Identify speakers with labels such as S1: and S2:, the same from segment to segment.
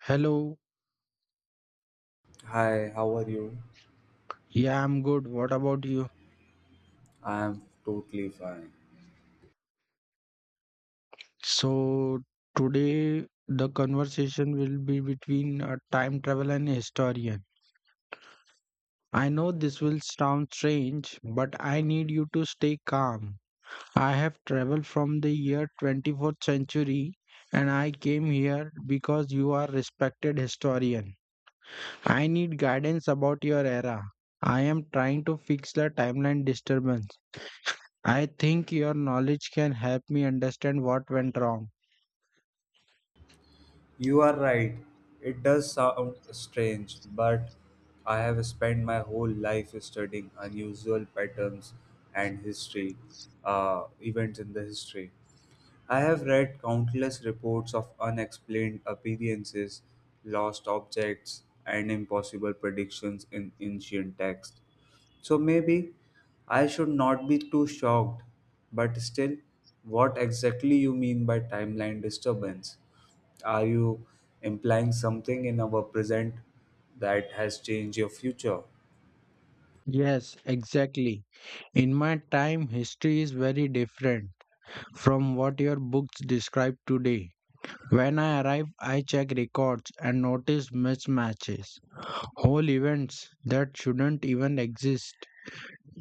S1: Hello.
S2: Hi, how are you?
S1: Yeah, I'm good. What about you?
S2: I am totally fine.
S1: So, today the conversation will be between a time travel and a historian. I know this will sound strange, but I need you to stay calm. I have traveled from the year 24th century, and I came here because you are respected historian. I need guidance about your era. I am trying to fix the timeline disturbance. I think your knowledge can help me understand what went wrong.
S2: You are right. It does sound strange, but I have spent my whole life studying unusual patterns and history, events in the history. I have read countless reports of unexplained appearances, lost objects, and impossible predictions in ancient texts. So maybe I should not be too shocked, but still, what exactly you mean by timeline disturbance? Are you implying something in our present that has changed your future?
S1: Yes, exactly. In my time, history is very different from what your books describe today. When I arrive, I check records and notice mismatches, whole events that shouldn't even exist,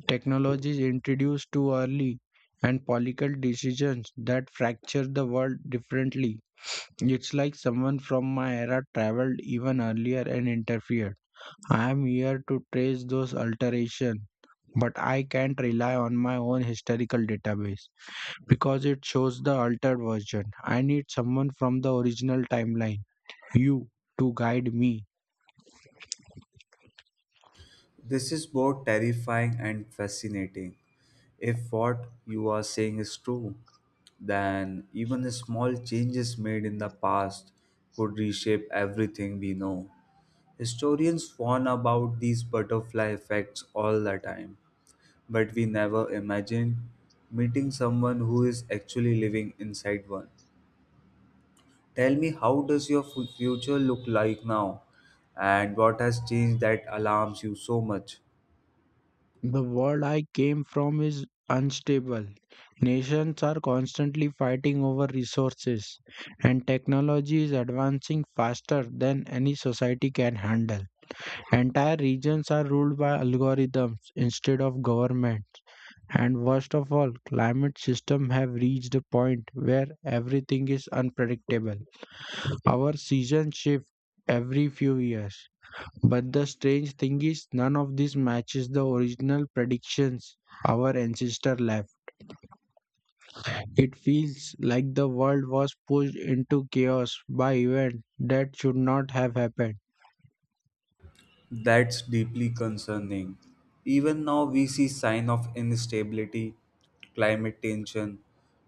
S1: technologies introduced too early, and political decisions that fracture the world differently. It's like someone from my era traveled even earlier and interfered. I am here to trace those alterations, but I can't rely on my own historical database because it shows the altered version. I need someone from the original timeline, you, to guide me.
S2: This is both terrifying and fascinating. If what you are saying is true, then even the small changes made in the past could reshape everything we know. Historians warn about these butterfly effects all the time, but we never imagine meeting someone who is actually living inside one. Tell me, how does your future look like now, and what has changed that alarms you so much?
S1: The world I came from is unstable. Nations are constantly fighting over resources, and technology is advancing faster than any society can handle. Entire regions are ruled by algorithms instead of government. And worst of all, climate systems have reached a point where everything is unpredictable. Our seasons shift every few years. But the strange thing is, none of this matches the original predictions our ancestor left. It feels like the world was pushed into chaos by events that should not have happened.
S2: That's deeply concerning. Even now, we see sign of instability, climate tension,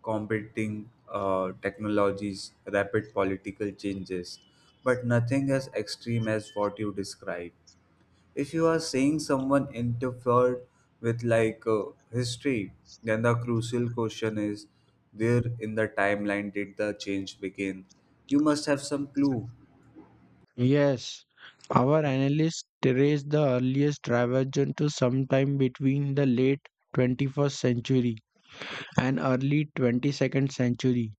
S2: competing technologies, rapid political changes, but nothing as extreme as what you describe. If you are saying someone interfered with like history, then the crucial question is, where in the timeline did the change begin? You must have some clue.
S1: Yes, our analysts trace the earliest divergence to sometime between the late 21st century and early 22nd century,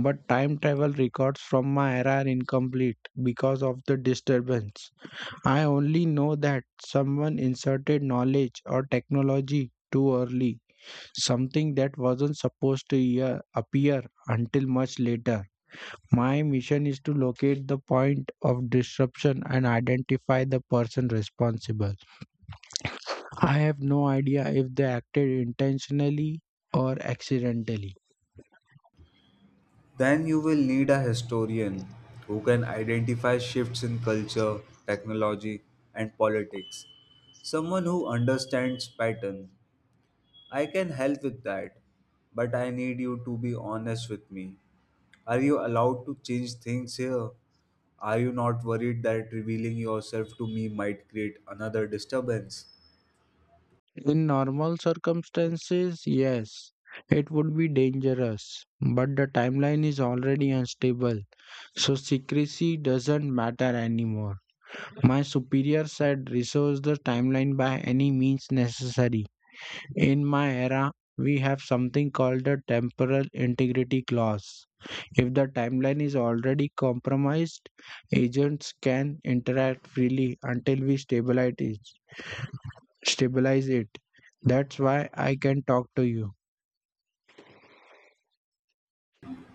S1: but time travel records from my era are incomplete because of the disturbance. I only know that someone inserted knowledge or technology too early, something that wasn't supposed to appear until much later. My mission is to locate the point of disruption and identify the person responsible. I have no idea if they acted intentionally or accidentally.
S2: Then you will need a historian who can identify shifts in culture, technology, and politics. Someone who understands pattern. I can help with that, but I need you to be honest with me. Are you allowed to change things here? Are you not worried that revealing yourself to me might create another disturbance?
S1: In normal circumstances, yes, it would be dangerous, but the timeline is already unstable, so secrecy doesn't matter anymore. My superior said resource the timeline by any means necessary. In my era, we have something called the temporal integrity clause. If the timeline is already compromised, agents can interact freely until we stabilize it. That's why I can talk to you.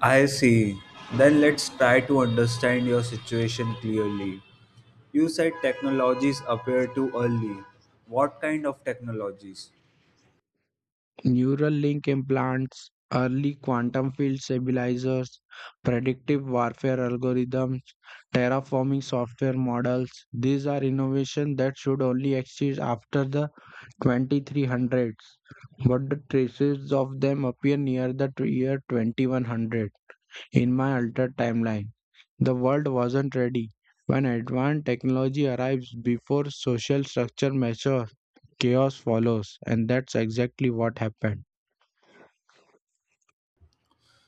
S2: I see. Then let's try to understand your situation clearly. You said technologies appear too early. What kind of technologies?
S1: Neural link implants, early quantum field stabilizers, predictive warfare algorithms, terraforming software models. These are innovations that should only exist after the 2300s, but the traces of them appear near the year 2100 in my altered timeline. The world wasn't ready. When advanced technology arrives before social structure matures, chaos follows, and that's exactly what happened.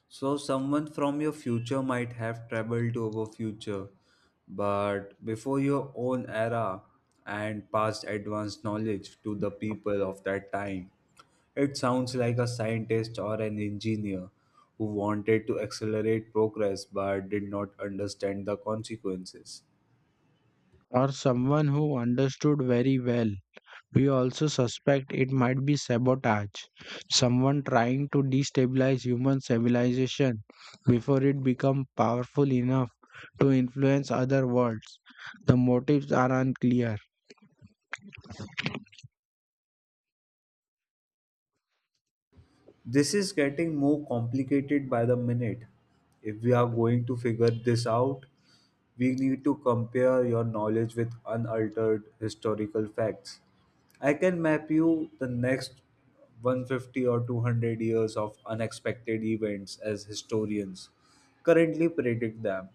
S2: So, someone from your future might have traveled to our future, but before your own era and passed advanced knowledge to the people of that time. It sounds like a scientist or an engineer who wanted to accelerate progress but did not understand the consequences.
S1: Or someone who understood very well. We also suspect it might be sabotage, someone trying to destabilize human civilization before it becomes powerful enough to influence other worlds. The motives are unclear.
S2: This is getting more complicated by the minute. If we are going to figure this out, we need to compare your knowledge with unaltered historical facts. I can map you the next 150 or 200 years of unexpected events as historians currently predict them.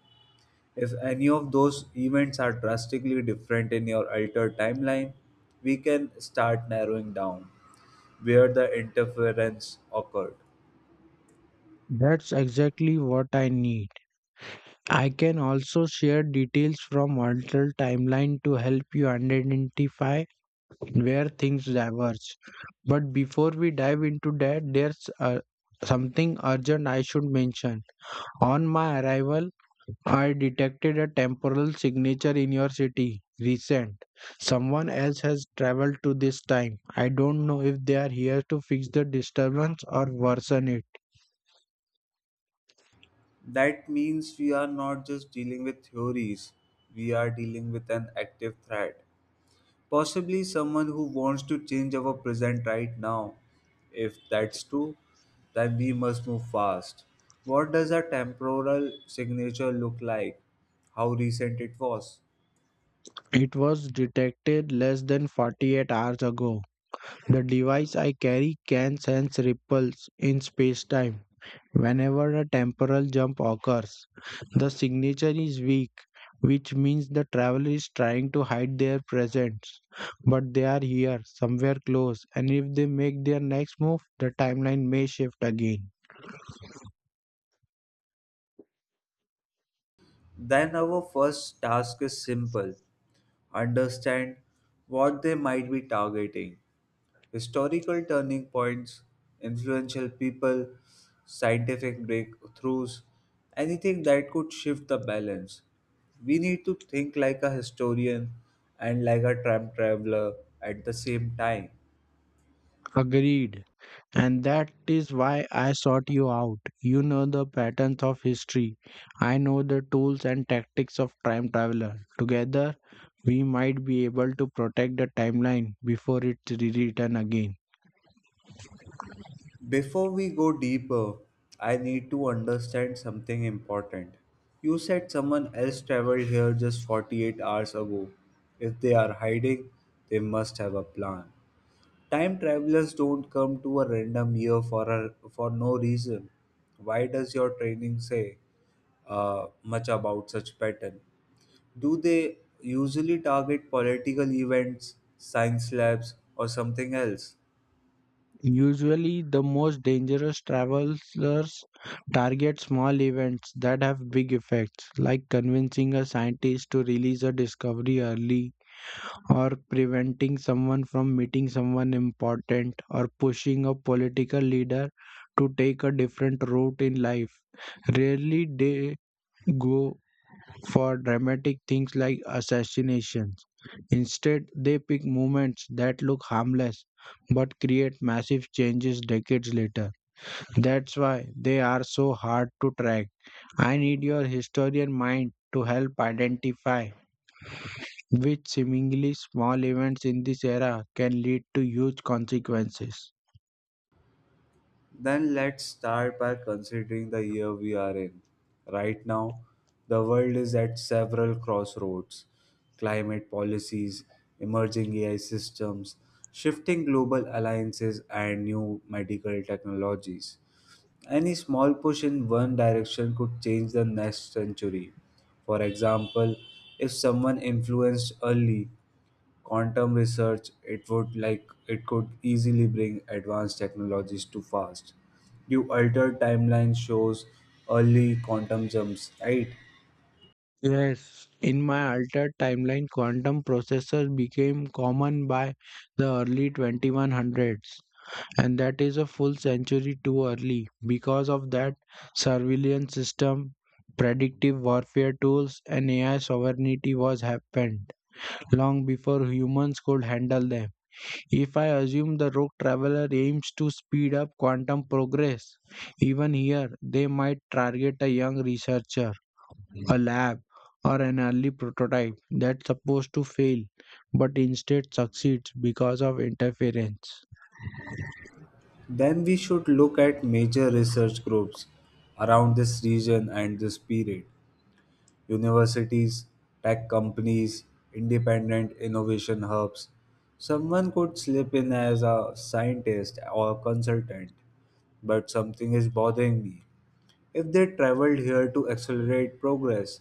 S2: If any of those events are drastically different in your altered timeline, we can start narrowing down where the interference occurred.
S1: That's exactly what I need. I can also share details from alternate timeline to help you identify where things diverge. But before we dive into that, there's something urgent I should mention. On my arrival, I detected a temporal signature in your city. Recent. Someone else has traveled to this time. I don't know if they are here to fix the disturbance or worsen it.
S2: That means we are not just dealing with theories, we are dealing with an active threat. Possibly someone who wants to change our present right now. If that's true, then we must move fast. What does a temporal signature look like? How recent it was?
S1: It was detected less than 48 hours ago. The device I carry can sense ripples in space time. Whenever a temporal jump occurs, the signature is weak, which means the traveler is trying to hide their presence, but they are here, somewhere close, and if they make their next move, the timeline may shift again.
S2: Then our first task is simple understand what they might be targeting historical turning points, influential people, scientific breakthroughs, anything that could shift the balance. We need to think like a historian and like a time traveler at the same time.
S1: Agreed. And that is why I sought you out. You know the patterns of history. I know the tools and tactics of time traveler. Together, we might be able to protect the timeline before it returns again.
S2: Before we go deeper, I need to understand something important. You said someone else traveled here just 48 hours ago. If they are hiding, they must have a plan. Time travelers don't come to a random year for no reason. Why does your training say much about such pattern? Do they usually target political events, science labs, or something else?
S1: Usually, the most dangerous travelers target small events that have big effects, like convincing a scientist to release a discovery early, or preventing someone from meeting someone important, or pushing a political leader to take a different route in life. Rarely they go for dramatic things like assassinations. Instead, they pick moments that look harmless but create massive changes decades later. That's why they are so hard to track. I need your historian mind to help identify which seemingly small events in this era can lead to huge consequences.
S2: Then let's start by considering the year we are in. Right now, the world is at several crossroads climate policies, emerging AI systems, shifting global alliances, and new medical technologies. Any small push in one direction could change the next century. For example, if someone influenced early quantum research, it would like it could easily bring advanced technologies too fast. You altered timeline shows early quantum jumps, right?
S1: Yes, in my altered timeline, quantum processors became common by the early 2100s, and that is a full century too early. Because of that, surveillance system, predictive warfare tools, and AI sovereignty was happened long before humans could handle them. If I assume the rogue traveler aims to speed up quantum progress, even here they might target a young researcher, a lab, or an early prototype that's supposed to fail but instead succeeds because of interference.
S2: Then we should look at major research groups around this region and this period. Universities, tech companies, independent innovation hubs. Someone could slip in as a scientist or consultant, but something is bothering me. If they traveled here to accelerate progress,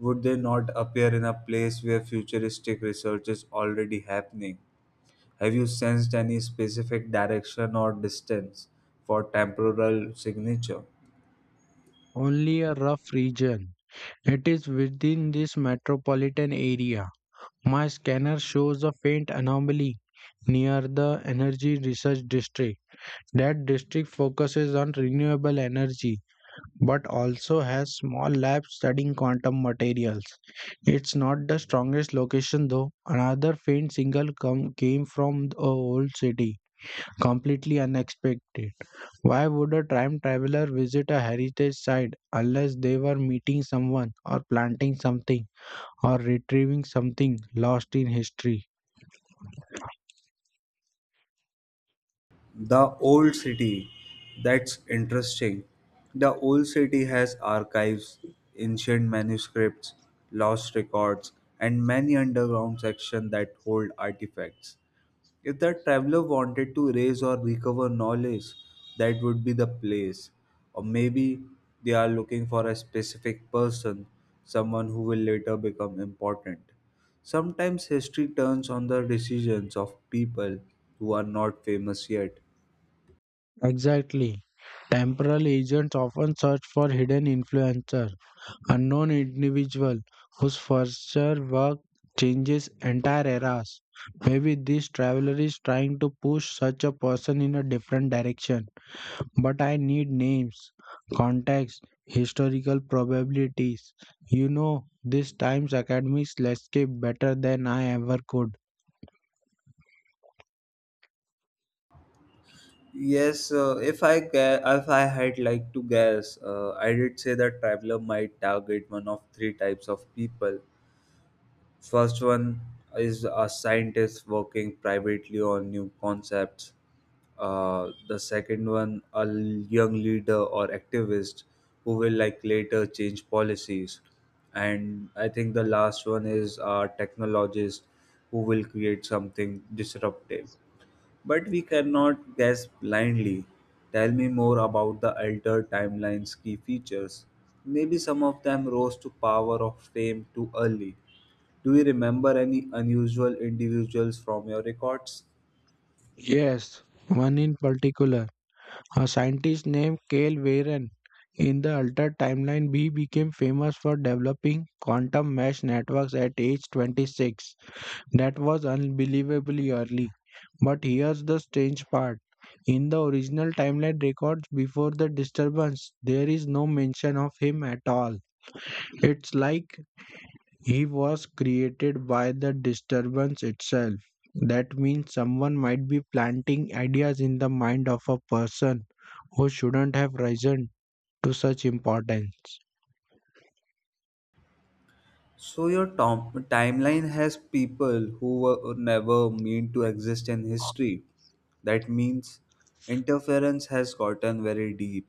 S2: would they not appear in a place where futuristic research is already happening? Have you sensed any specific direction or distance for temporal signature?
S1: Only a rough region. It is within this metropolitan area. My scanner shows a faint anomaly near the Energy Research District. That district focuses on renewable energy but also has small labs studying quantum materials. It's not the strongest location though. Another faint signal came from the old city, completely unexpected. Why would a time traveler visit a heritage site unless they were meeting someone or planting something? Or retrieving something lost in history.
S2: The old city. That's interesting. The old city has archives, ancient manuscripts, lost records, and many underground sections that hold artifacts. If the traveler wanted to raise or recover knowledge, that would be the place. Or maybe they are looking for a specific person, someone who will later become important. Sometimes history turns on the decisions of people who are not famous yet.
S1: Exactly. Temporal agents often search for hidden influencers, unknown individuals whose future work changes entire eras. Maybe this traveler is trying to push such a person in a different direction. But I need names, context, historical probabilities. You know, this time's academics landscape better than I ever could.
S2: Yes, if I gue- if I had like to guess, I did say that traveler might target one of three types of people. First one is a scientist working privately on new concepts. The second one, a young leader or activist who will like later change policies. And I think the last one is a technologist who will create something disruptive. But we cannot guess blindly. Tell me more about the altered timeline's key features. Maybe some of them rose to power of fame too early. Do you remember any unusual individuals from your records?
S1: Yes, one in particular. A scientist named Cale Varen in the Altered Timeline B became famous for developing quantum mesh networks at age 26. That was unbelievably early. But here's the strange part. In the original timeline records before the disturbance, there is no mention of him at all. It's like he was created by the disturbance itself. That means someone might be planting ideas in the mind of a person who shouldn't have risen to such importance.
S2: So your timeline has people who were never meant to exist in history. That means interference has gotten very deep.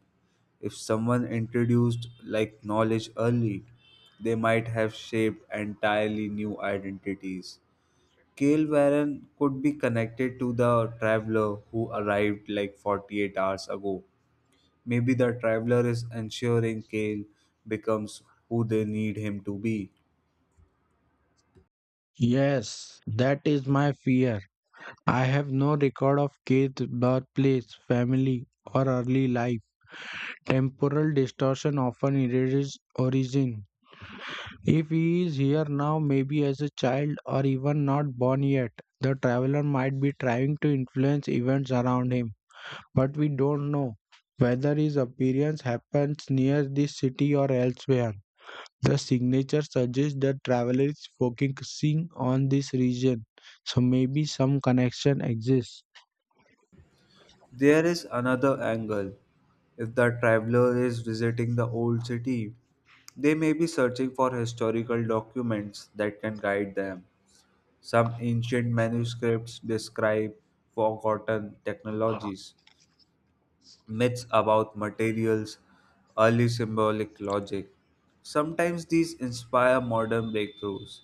S2: If someone introduced like knowledge early, they might have shaped entirely new identities. Kale Warren could be connected to the traveler who arrived like 48 hours ago. Maybe the traveler is ensuring Kale becomes who they need him to be.
S1: Yes, that is my fear. I have no record of Keith's birthplace, family, or early life. Temporal distortion often erases origin. If he is here now, maybe as a child or even not born yet, the traveler might be trying to influence events around him. But we don't know whether his appearance happens near this city or elsewhere. The signature suggests that travelers focusing on this region, so maybe some connection exists.
S2: There is another angle. If the traveler is visiting the old city, they may be searching for historical documents that can guide them. Some ancient manuscripts describe forgotten technologies, myths about materials, early symbolic logic. Sometimes these inspire modern breakthroughs.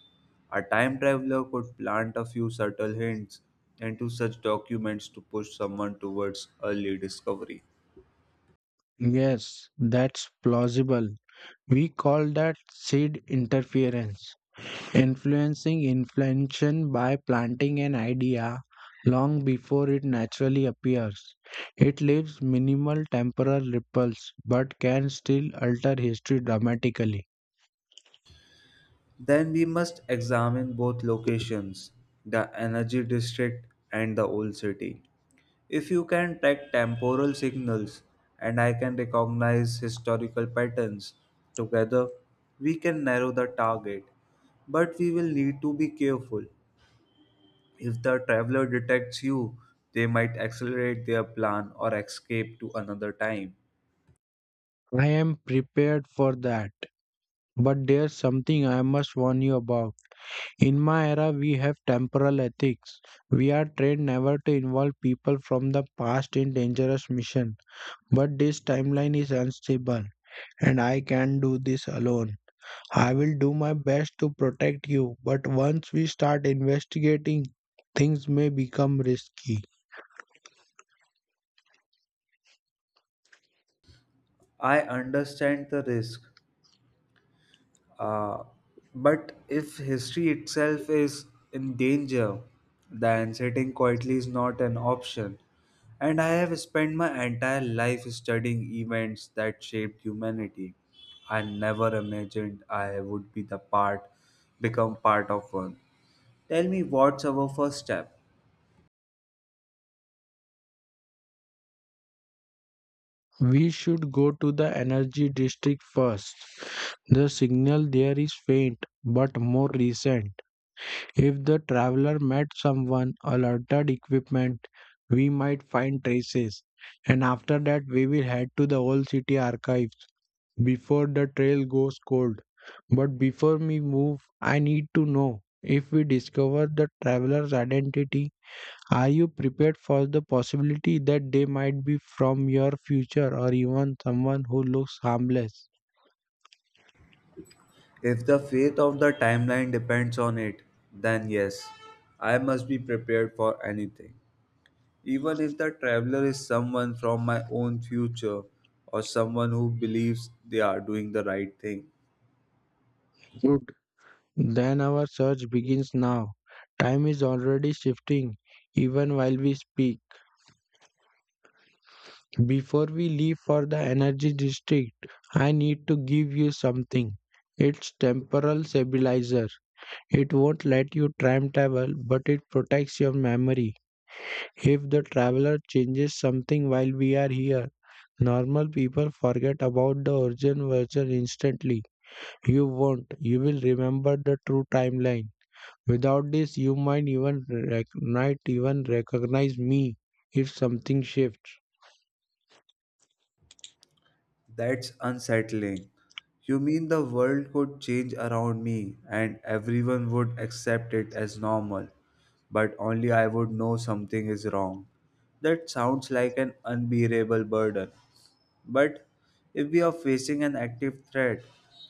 S2: A time traveler could plant a few subtle hints into such documents to push someone towards early discovery.
S1: Yes, that's plausible. We call that seed interference, influencing inflation by planting an idea long before it naturally appears. It leaves minimal temporal ripples but can still alter history dramatically.
S2: Then we must examine both locations, the energy district and the old city. If you can track temporal signals and I can recognize historical patterns, together we can narrow the target. But we will need to be careful. If the traveler detects you, they might accelerate their plan or escape to another time.
S1: I am prepared for that, but there's something I must warn you about. In my era, we have temporal ethics. We are trained never to involve people from the past in dangerous mission. But this timeline is unstable, and I can't do this alone. I will do my best to protect you, but once we start investigating, things may become risky.
S2: I understand the risk, Uh, but if history itself is in danger, then sitting quietly is not an option. And I have spent my entire life studying events that shaped humanity. I never imagined I would be become part of one. Tell me what's our first step?
S1: We should go to the energy district first. The signal there is faint, but more recent. If the traveler met someone or altered equipment, we might find traces. And after that, we will head to the old city archives before the trail goes cold. But before we move, I need to know if we discover the traveler's identity, are you prepared for the possibility that they might be from your future or even someone who looks harmless?
S2: If the fate of the timeline depends on it, then yes, I must be prepared for anything. Even if the traveler is someone from my own future or someone who believes they are doing the right thing,
S1: Good. Then our search begins now. Time is already shifting even while we speak. Before we leave for the energy district, I need to give you something. It's temporal stabilizer. It won't let you time travel, but it protects your memory. If the traveler changes something while we are here, normal people forget about the origin version instantly. You won't. You will remember the true timeline. Without this, you might even might even recognize me if something shifts.
S2: that's unsettling. You mean the world could change around me and everyone would accept it as normal, but only I would know something is wrong. That sounds like an unbearable burden. But if we are facing an active threat,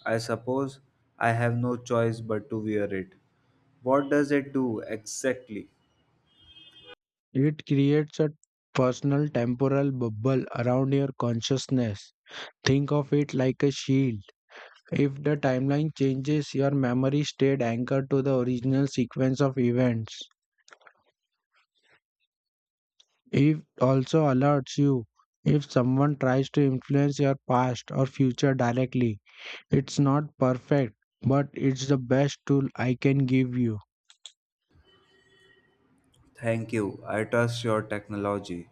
S2: I suppose I have no choice but to wear it. What does it do exactly?
S1: It creates a personal temporal bubble around your consciousness. Think of it like a shield. If the timeline changes, your memory stayed anchored to the original sequence of events. It also alerts you if someone tries to influence your past or future directly. It's not perfect, but it's the best tool I can give you.
S2: Thank you. I trust your technology.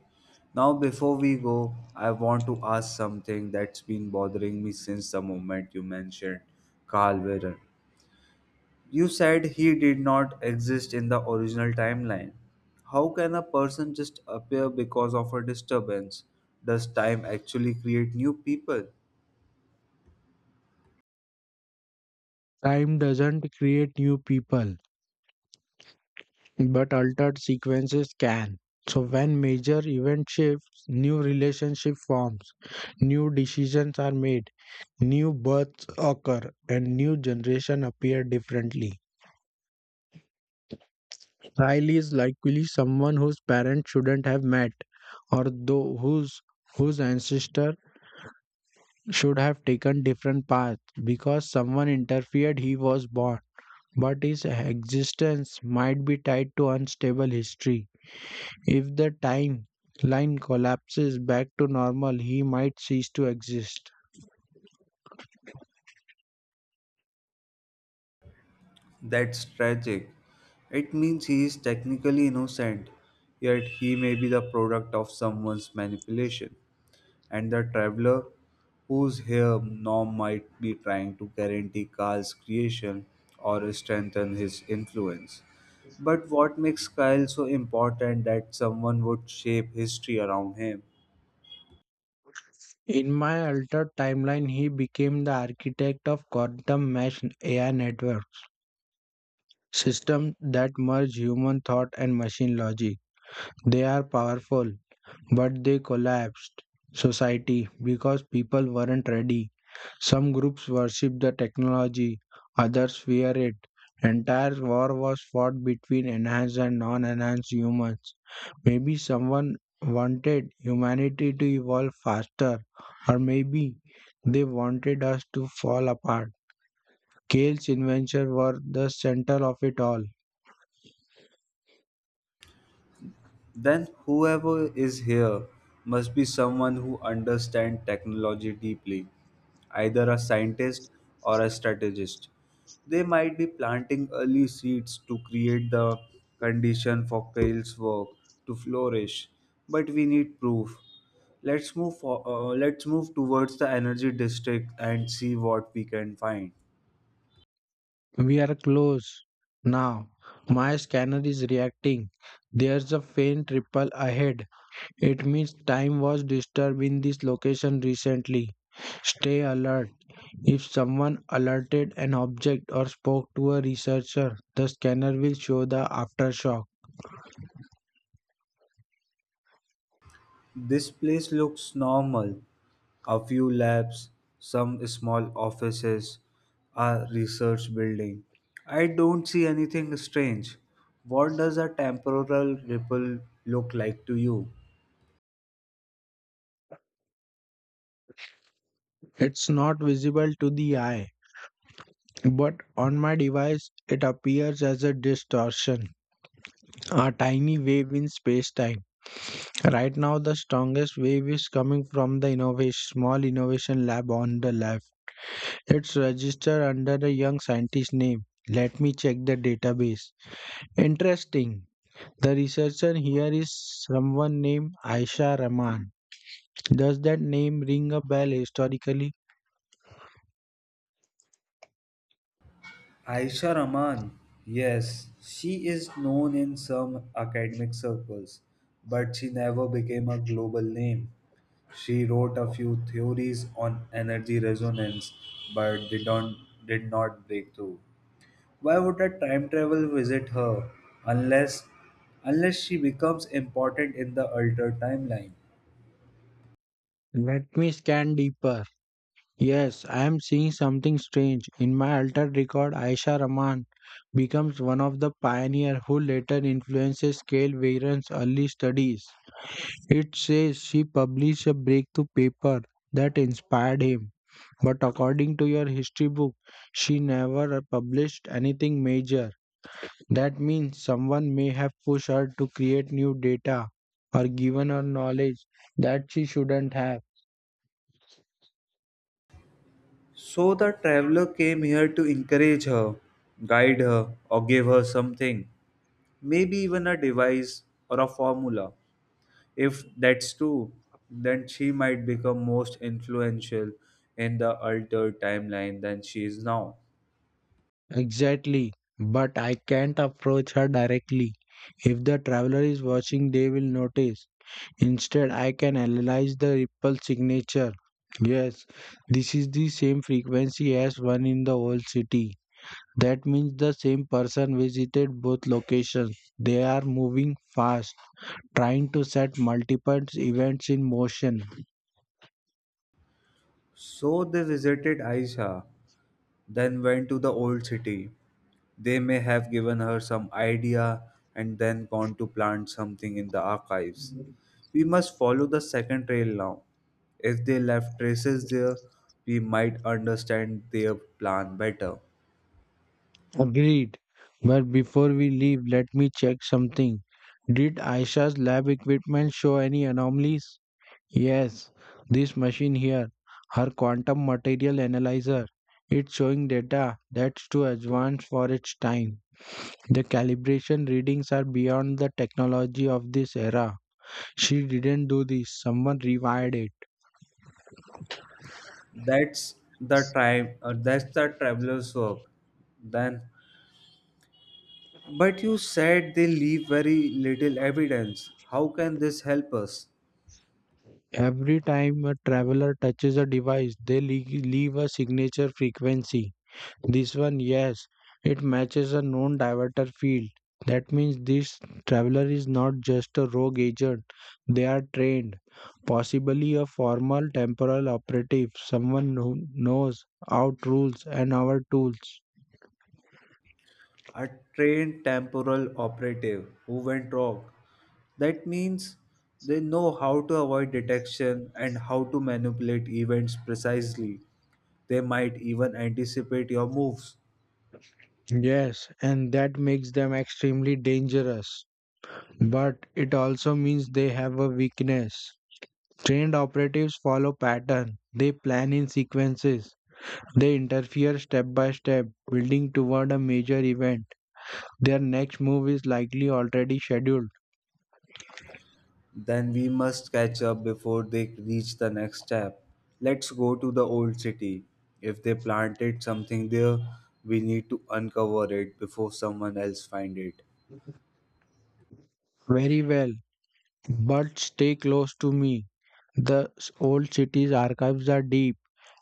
S2: Now, before we go, I want to ask something that's been bothering me since the moment you mentioned Carl Wearer. You said he did not exist in the original timeline. How can a person just appear because of a disturbance? Does time actually create new people?
S1: Time doesn't create new people, but altered sequences can. So when major event shifts, new relationship forms, new decisions are made, new births occur, and new generation appear differently. Child is likely someone whose parents shouldn't have met, or though whose ancestor should have taken different paths because someone interfered he was born, but his existence might be tied to unstable history. If the timeline collapses back to normal, he might cease to exist.
S2: That's tragic. It means he is technically innocent, yet he may be the product of someone's manipulation. And the traveler whose here now might be trying to guarantee Kyle's creation or strengthen his influence. But what makes Kyle so important that someone would shape history around him
S1: In my altered timeline, he became the architect of quantum mesh AI network systems that merge human thought and machine logic. They are powerful, but they collapsed society because people weren't ready. Some groups worshiped the technology, others fear it. Entire war was fought between enhanced and non enhanced humans. Maybe someone wanted humanity to evolve faster, or maybe they wanted us to fall apart. Kale's inventions were the center of it all.
S2: then whoever is here must be someone who understands technology deeply, either a scientist or a strategist. They might be planting early seeds to create the condition for Kale's work to flourish, but we need proof. Let's move towards the energy district and see what we can find.
S1: We are close now. My scanner is reacting. There's a faint ripple ahead. It means time was disturbed in this location recently. Stay alert. If someone alerted an object or spoke to a researcher, the scanner will show the aftershock.
S2: This place looks normal. A few labs, some small offices, a research building. I don't see anything strange. What does a temporal ripple look like to you?
S1: It's not visible to the eye, but on my device, it appears as a distortion, a tiny wave in space time. Right now, the strongest wave is coming from the small innovation lab on the left. It's registered under a young scientist name. Let me check the database. Interesting. The researcher here is someone named Aisha Rahman. Does that name ring a bell historically?
S2: Aisha Rahman. Yes, she is known in some academic circles, but she never became a global name. She wrote a few theories on energy resonance, but they don't, did not break through. Why would a time travel visit her unless unless she becomes important in the altered timeline?
S1: Let me scan deeper. Yes, I am seeing something strange. In my altered record, Aisha Rahman becomes one of the pioneers who later influences Cale Weiron's early studies. It says she published a breakthrough paper that inspired him, but according to your history book, she never published anything major. That means someone may have pushed her to create new data or given her knowledge that she shouldn't have.
S2: So the traveler came here to encourage her, guide her, or give her something, maybe even a device or a formula. If that's true, then she might become most influential in the altered timeline than she is now.
S1: Exactly, but I can't approach her directly. If the traveler is watching, they will notice. Instead, I can analyze the ripple signature. Yes, this is the same frequency as one in the old city. That means the same person visited both locations. They are moving fast, trying to set multiple events in motion.
S2: So they visited Aisha, then went to the old city. They may have given her some idea and then gone to plant something in the archives. We must follow the second trail now. If they left traces there, we might understand their plan better.
S1: Agreed. But before we leave, let me check something. Did Aisha's lab equipment show any anomalies? Yes, this machine here, her quantum material analyzer, it's showing data that's too advanced for its time. The calibration readings are beyond the technology of this era. She didn't do this, someone rewired it.
S2: That's the time. That's the traveler's work. Then, but you said they leave very little evidence. How can this help us?
S1: Every time a traveler touches a device, they leave a signature frequency. This one, yes, it matches a known diverter field. That means this traveler is not just a rogue agent. They are trained, possibly a formal temporal operative, someone who knows our rules and our tools.
S2: A trained temporal operative who went rogue. That means they know how to avoid detection and how to manipulate events precisely. They might even anticipate your moves.
S1: Yes, and that makes them extremely dangerous. But it also means they have a weakness. Trained operatives follow pattern. They plan in sequences. They interfere step by step, building toward a major event. Their next move is likely already scheduled.
S2: Then we must catch up before they reach the next step. Let's go to the old city. If they planted something there, we need to uncover it before someone else find it.
S1: Very well, but stay close to me. The old city's archives are deep,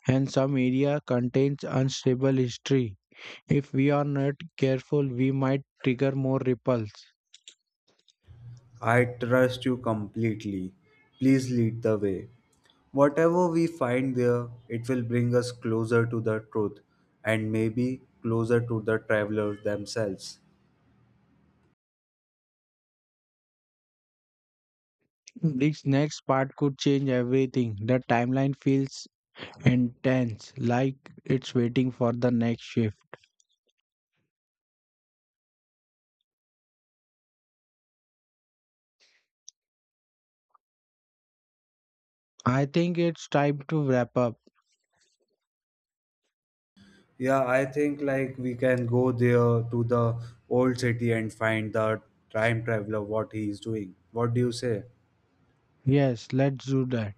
S1: and some area contains unstable history. If we are not careful, we might trigger more ripples.
S2: I trust you completely. Please lead the way. Whatever we find there, it will bring us closer to the truth and maybe closer to the travelers themselves.
S1: This next part could change everything. The timeline feels intense, like it's waiting for the next shift. I think it's time to wrap up.
S2: Yeah, I think like we can go there to the old city and find the time traveler what he is doing. What do you say?
S1: Yes, let's do that.